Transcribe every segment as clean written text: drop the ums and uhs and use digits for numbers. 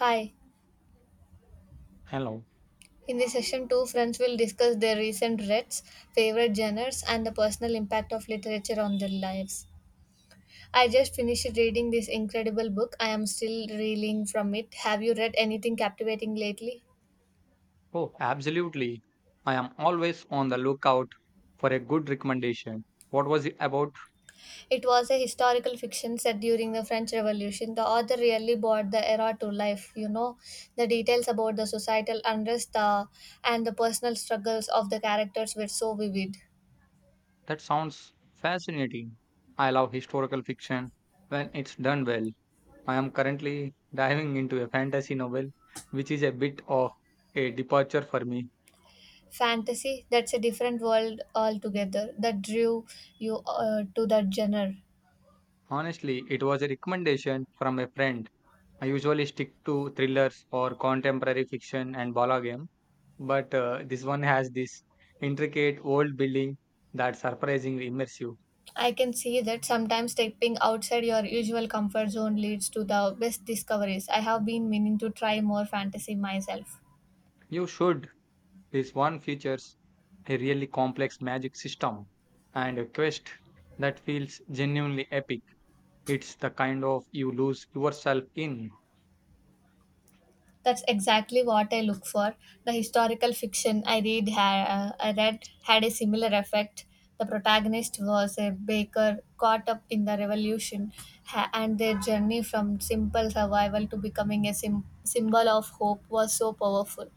Hi. Hello. In this session, two friends will discuss their recent reads, favorite genres, and the personal impact of literature on their lives. I just finished reading this incredible book. I am still reeling from it. Have you read anything captivating lately? Oh, absolutely. I am always on the lookout for a good recommendation. What was it about? It was a historical fiction set during the French Revolution. The author really brought the era to life, you know, the details about the societal unrest and the personal struggles of the characters were so vivid. That sounds fascinating. I love historical fiction when it's done well. I am currently diving into a fantasy novel, which is a bit of a departure for me. Fantasy, that's a different world altogether. That drew you to that genre? Honestly, it was a recommendation from a friend. I usually stick to thrillers or contemporary fiction and ballgame, but this one has this intricate old building that's surprisingly immersive. I can see that. Sometimes stepping outside your usual comfort zone leads to the best discoveries. I have been meaning to try more fantasy myself. You should. This one features a really complex magic system and a quest that feels genuinely epic. It's the kind of you lose yourself in. That's exactly what I look for. The historical fiction I read had a similar effect. The protagonist was a baker caught up in the revolution and their journey from simple survival to becoming a symbol of hope was so powerful.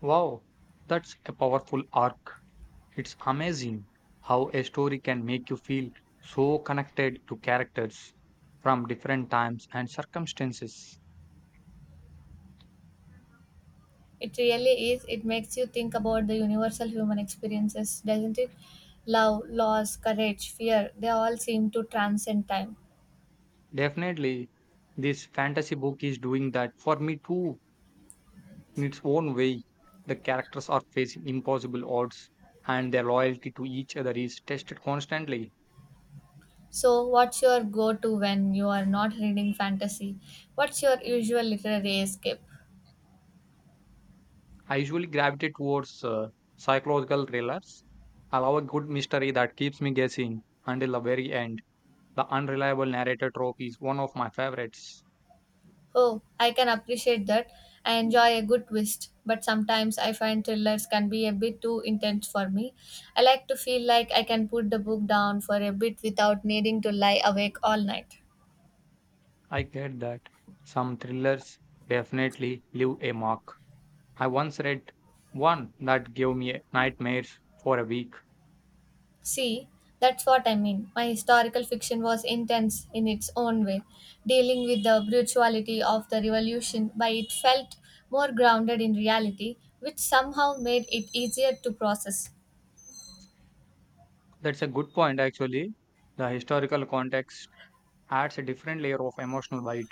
Wow, that's a powerful arc. It's amazing how a story can make you feel so connected to characters from different times and circumstances. It really is. It makes you think about the universal human experiences, doesn't it? Love, loss, courage, fear, they all seem to transcend time. Definitely, this fantasy book is doing that for me too, in its own way. The characters are facing impossible odds, and their loyalty to each other is tested constantly. So, what's your go to when you are not reading fantasy? What's your usual literary escape? I usually gravitate towards psychological thrillers. I love a good mystery that keeps me guessing until the very end. The unreliable narrator trope is one of my favorites. Oh, I can appreciate that. I enjoy a good twist, but sometimes I find thrillers can be a bit too intense for me. I like to feel like I can put the book down for a bit without needing to lie awake all night. I get that some thrillers definitely leave a mark. I once read one that gave me nightmares for a week. See, that's what I mean. My historical fiction was intense in its own way, dealing with the brutality of the revolution, but it felt more grounded in reality, which somehow made it easier to process. That's a good point, actually. The historical context adds a different layer of emotional weight.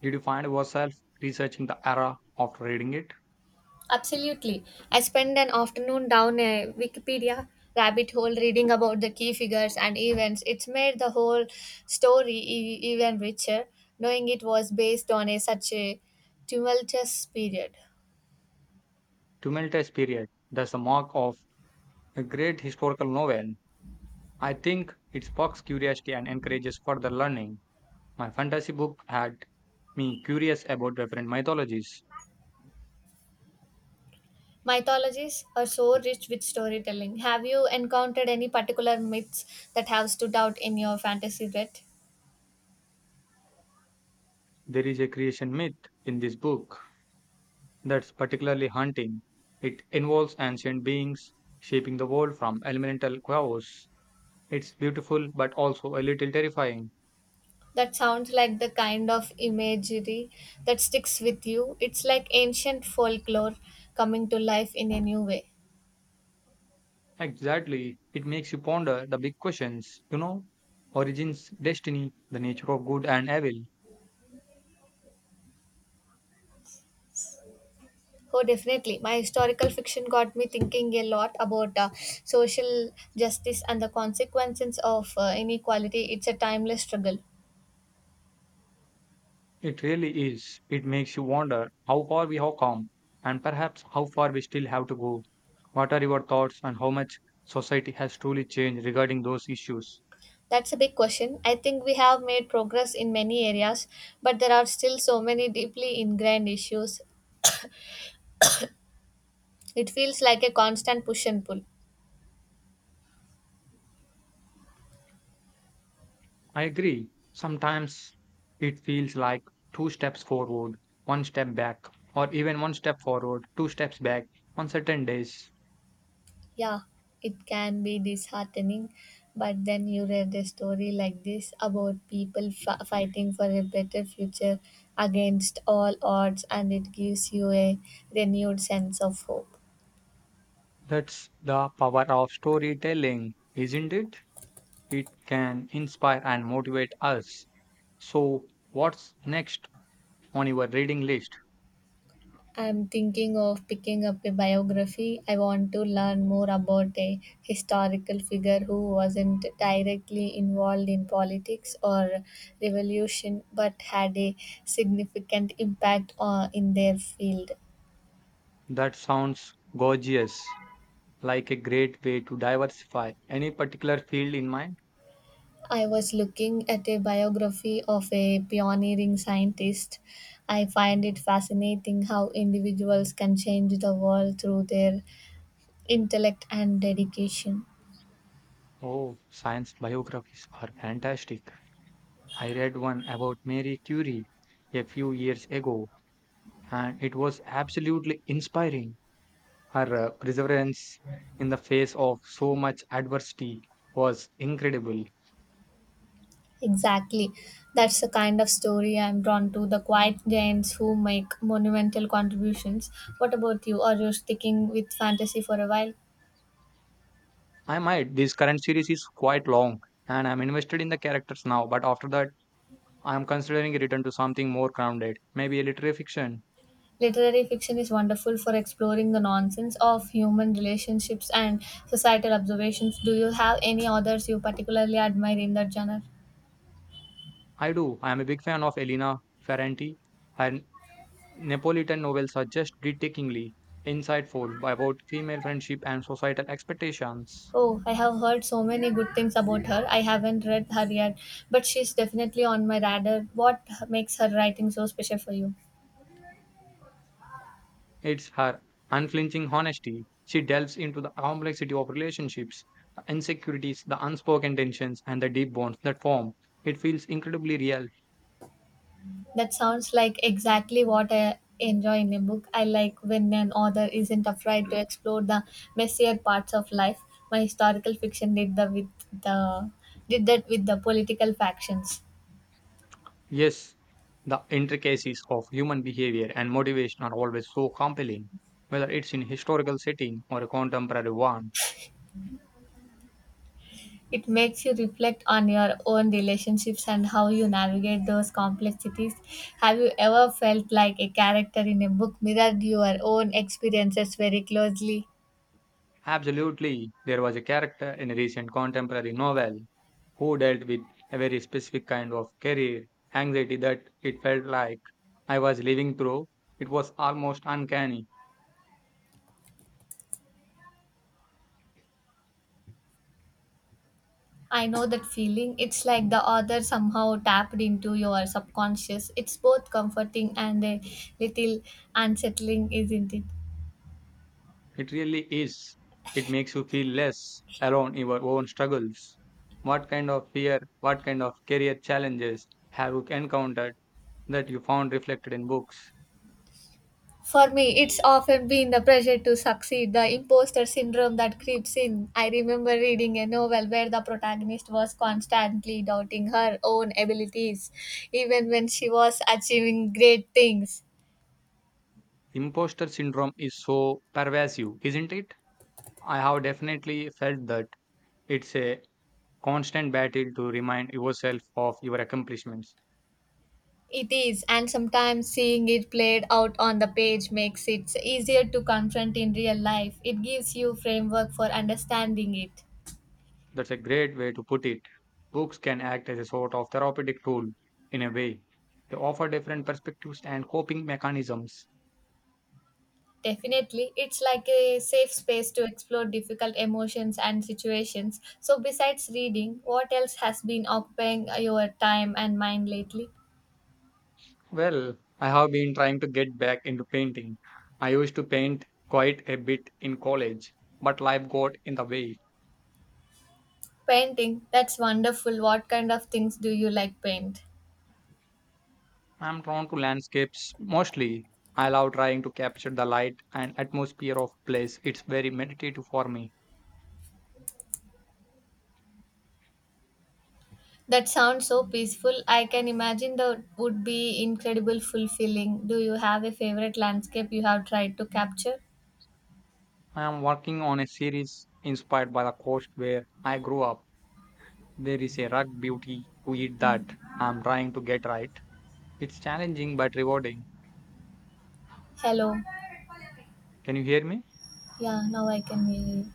Did you find yourself researching the era after reading it? Absolutely. I spent an afternoon down a Wikipedia rabbit hole reading about the key figures and events. It's made the whole story even richer, knowing it was based on a, such a tumultuous period. Tumultuous period. That's the mark of a great historical novel. I think it sparks curiosity and encourages further learning. My fantasy book had me curious about different mythologies. Mythologies are so rich with storytelling. Have you encountered any particular myths that have stood out in your fantasy read? There is a creation myth in this book that's particularly haunting. It involves ancient beings shaping the world from elemental chaos. It's beautiful, but also a little terrifying. That sounds like the kind of imagery that sticks with you. It's like ancient folklore coming to life in a new way. Exactly. It makes you ponder the big questions, origins, destiny, the nature of good and evil. Oh, definitely. My historical fiction got me thinking a lot about social justice and the consequences of inequality. It's a timeless struggle. It really is. It makes you wonder how far we have come and perhaps how far we still have to go. What are your thoughts on how much society has truly changed regarding those issues? That's a big question. I think we have made progress in many areas, but there are still so many deeply ingrained issues. It feels like a constant push and pull. I agree. Sometimes it feels like two steps forward, one step back, or even one step forward, two steps back on certain days. Yeah, it can be disheartening, but then you read a story like this about people fighting for a better future against all odds, and it gives you a renewed sense of hope. That's the power of storytelling, isn't it? It can inspire and motivate us. So, what's next on your reading list? I'm thinking of picking up a biography. I want to learn more about a historical figure who wasn't directly involved in politics or revolution but had a significant impact in their field. That sounds gorgeous, like a great way to diversify. Any particular field in mind? I was looking at a biography of a pioneering scientist. I find it fascinating how individuals can change the world through their intellect and dedication. Oh, science biographies are fantastic. I read one about Mary Curie a few years ago, and it was absolutely inspiring. Her perseverance in the face of so much adversity was incredible. Exactly. That's the kind of story I'm drawn to, the quiet giants who make monumental contributions. What about you? Are you sticking with fantasy for a while? I might. This current series is quite long, and I'm invested in the characters now. But after that, I'm considering a return to something more grounded, maybe a literary fiction. Literary fiction is wonderful for exploring the nonsense of human relationships and societal observations. Do you have any authors you particularly admire in that genre? I do. I am a big fan of Elena Ferrante. Her Neapolitan novels are just breathtakingly insightful about female friendship and societal expectations. Oh, I have heard so many good things about her. I haven't read her yet, but she's definitely on my radar. What makes her writing so special for you? It's her unflinching honesty. She delves into the complexity of relationships, the insecurities, the unspoken tensions, and the deep bonds that form. It feels incredibly real. That sounds like exactly what I enjoy in a book. I like when an author isn't afraid to explore the messier parts of life. My historical fiction the did that with the political factions. Yes, the intricacies of human behavior and motivation are always so compelling, whether it's in a historical setting or a contemporary one. It makes you reflect on your own relationships and how you navigate those complexities. Have you ever felt like a character in a book mirrored your own experiences very closely? Absolutely, there was a character in a recent contemporary novel who dealt with a very specific kind of career anxiety that it felt like I was living through. It was almost uncanny. I know that feeling. It's like the author somehow tapped into your subconscious. It's both comforting and a little unsettling, isn't it? It really is. It makes you feel less alone in your own struggles. What kind of fear, what kind of career challenges have you encountered that you found reflected in books? For me, it's often been the pressure to succeed, the imposter syndrome that creeps in. I remember reading a novel where the protagonist was constantly doubting her own abilities, even when she was achieving great things. Imposter syndrome is so pervasive, isn't it? I have definitely felt that it's a constant battle to remind yourself of your accomplishments. It is, and sometimes seeing it played out on the page makes it easier to confront in real life. It gives you framework for understanding it. That's a great way to put it. Books can act as a sort of therapeutic tool in a way. They offer different perspectives and coping mechanisms. Definitely, it's like a safe space to explore difficult emotions and situations. So, besides reading, what else has been occupying your time and mind lately? Well, I have been trying to get back into painting. I used to paint quite a bit in college, but life got in the way. Painting. That's wonderful. What kind of things do you like paint? I'm drawn to landscapes mostly. I love trying to capture the light and atmosphere of place. It's very meditative for me. That sounds so peaceful. I can imagine that would be incredible fulfilling. Do you have a favorite landscape you have tried to capture? I am working on a series inspired by the coast where I grew up. There is a rugged beauty to it that I'm trying to get right. It's challenging but rewarding. Hello. Can you hear me? Yeah, now I can hear you.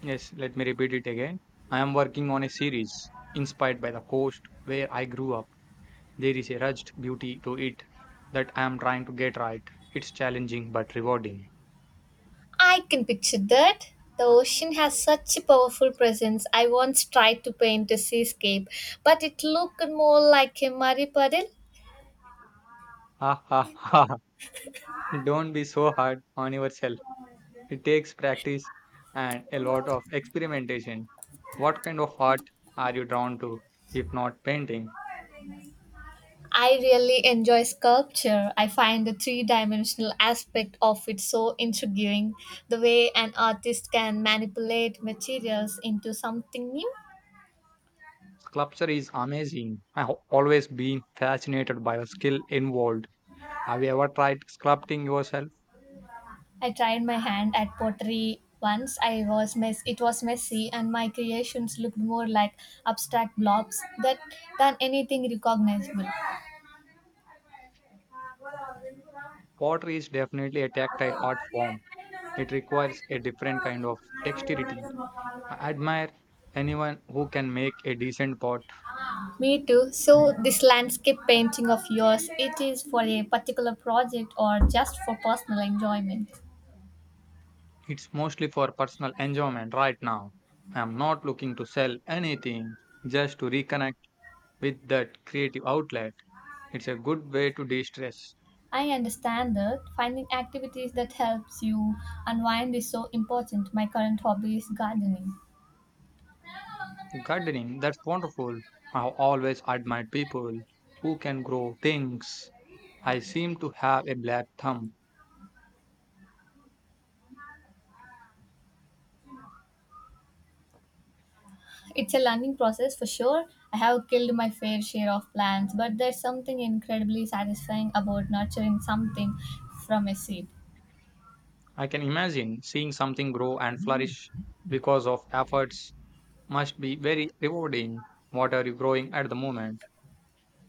Yes, let me repeat it again. I am working on a series inspired by the coast where I grew up. There is a rugged beauty to it that I am trying to get right. It's challenging but rewarding. I can picture that. The ocean has such a powerful presence. I once tried to paint a seascape, but it looked more like a muddy puddle. Ha ha ha. Don't be so hard on yourself. It takes practice and a lot of experimentation. What kind of art are you drawn to, if not painting? I really enjoy sculpture. I find the three dimensional aspect of it so intriguing. The way an artist can manipulate materials into something new. Sculpture is amazing. I've always been fascinated by the skill involved. Have you ever tried sculpting yourself? I tried my hand at pottery once. It was messy and my creations looked more like abstract blobs that than anything recognizable. Pottery is definitely a tactile art form. It requires a different kind of dexterity. I admire anyone who can make a decent pot. Me too. So this landscape painting of yours, it is for a particular project or just for personal enjoyment? It's mostly for personal enjoyment right now. I am not looking to sell anything, just to reconnect with that creative outlet. It's a good way to de stress. I understand that. Finding activities that helps you unwind is so important. My current hobby is gardening. Gardening, that's wonderful. I've always admired people who can grow things. I seem to have a black thumb. It's a learning process for sure. I have killed my fair share of plants, but there's something incredibly satisfying about nurturing something from a seed. I can imagine seeing something grow and flourish because of efforts must be very rewarding. What are you growing at the moment?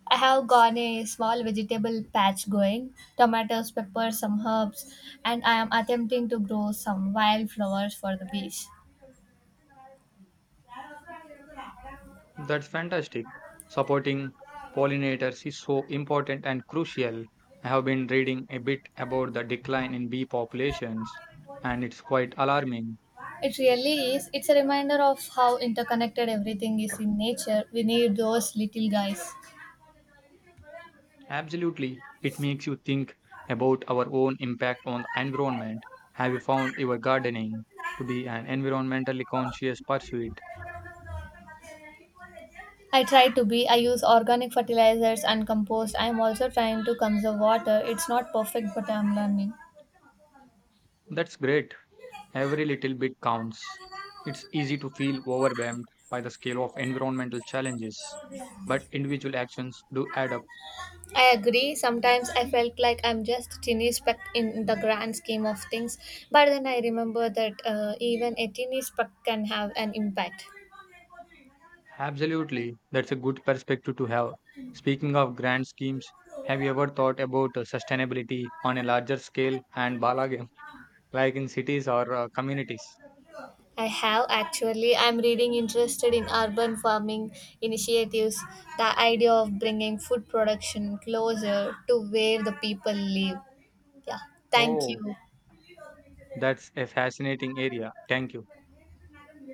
I have gone a small vegetable patch going, tomatoes, peppers, some herbs, and I am attempting to grow some wildflowers for the beach. That's fantastic. Supporting pollinators is so important and crucial. I have been reading a bit about the decline in bee populations, and it's quite alarming. It really is. It's a reminder of how interconnected everything is in nature. We need those little guys. Absolutely. It makes you think about our own impact on the environment. Have you found your gardening to be an environmentally conscious pursuit? I try to be. I use organic fertilizers and compost. I'm also trying to conserve water. It's not perfect, but I'm learning. That's great. Every little bit counts. It's easy to feel overwhelmed by the scale of environmental challenges, but individual actions do add up. I agree. Sometimes I felt like I'm just a teeny speck in the grand scheme of things, but then I remember that even a teeny speck can have an impact. Absolutely. That's a good perspective to have. Speaking of grand schemes, have you ever thought about sustainability on a larger scale and balagam, like in cities or communities? I have actually. I'm reading interested in urban farming initiatives, the idea of bringing food production closer to where the people live. Yeah, thank Oh, you. that's a fascinating area. Thank you.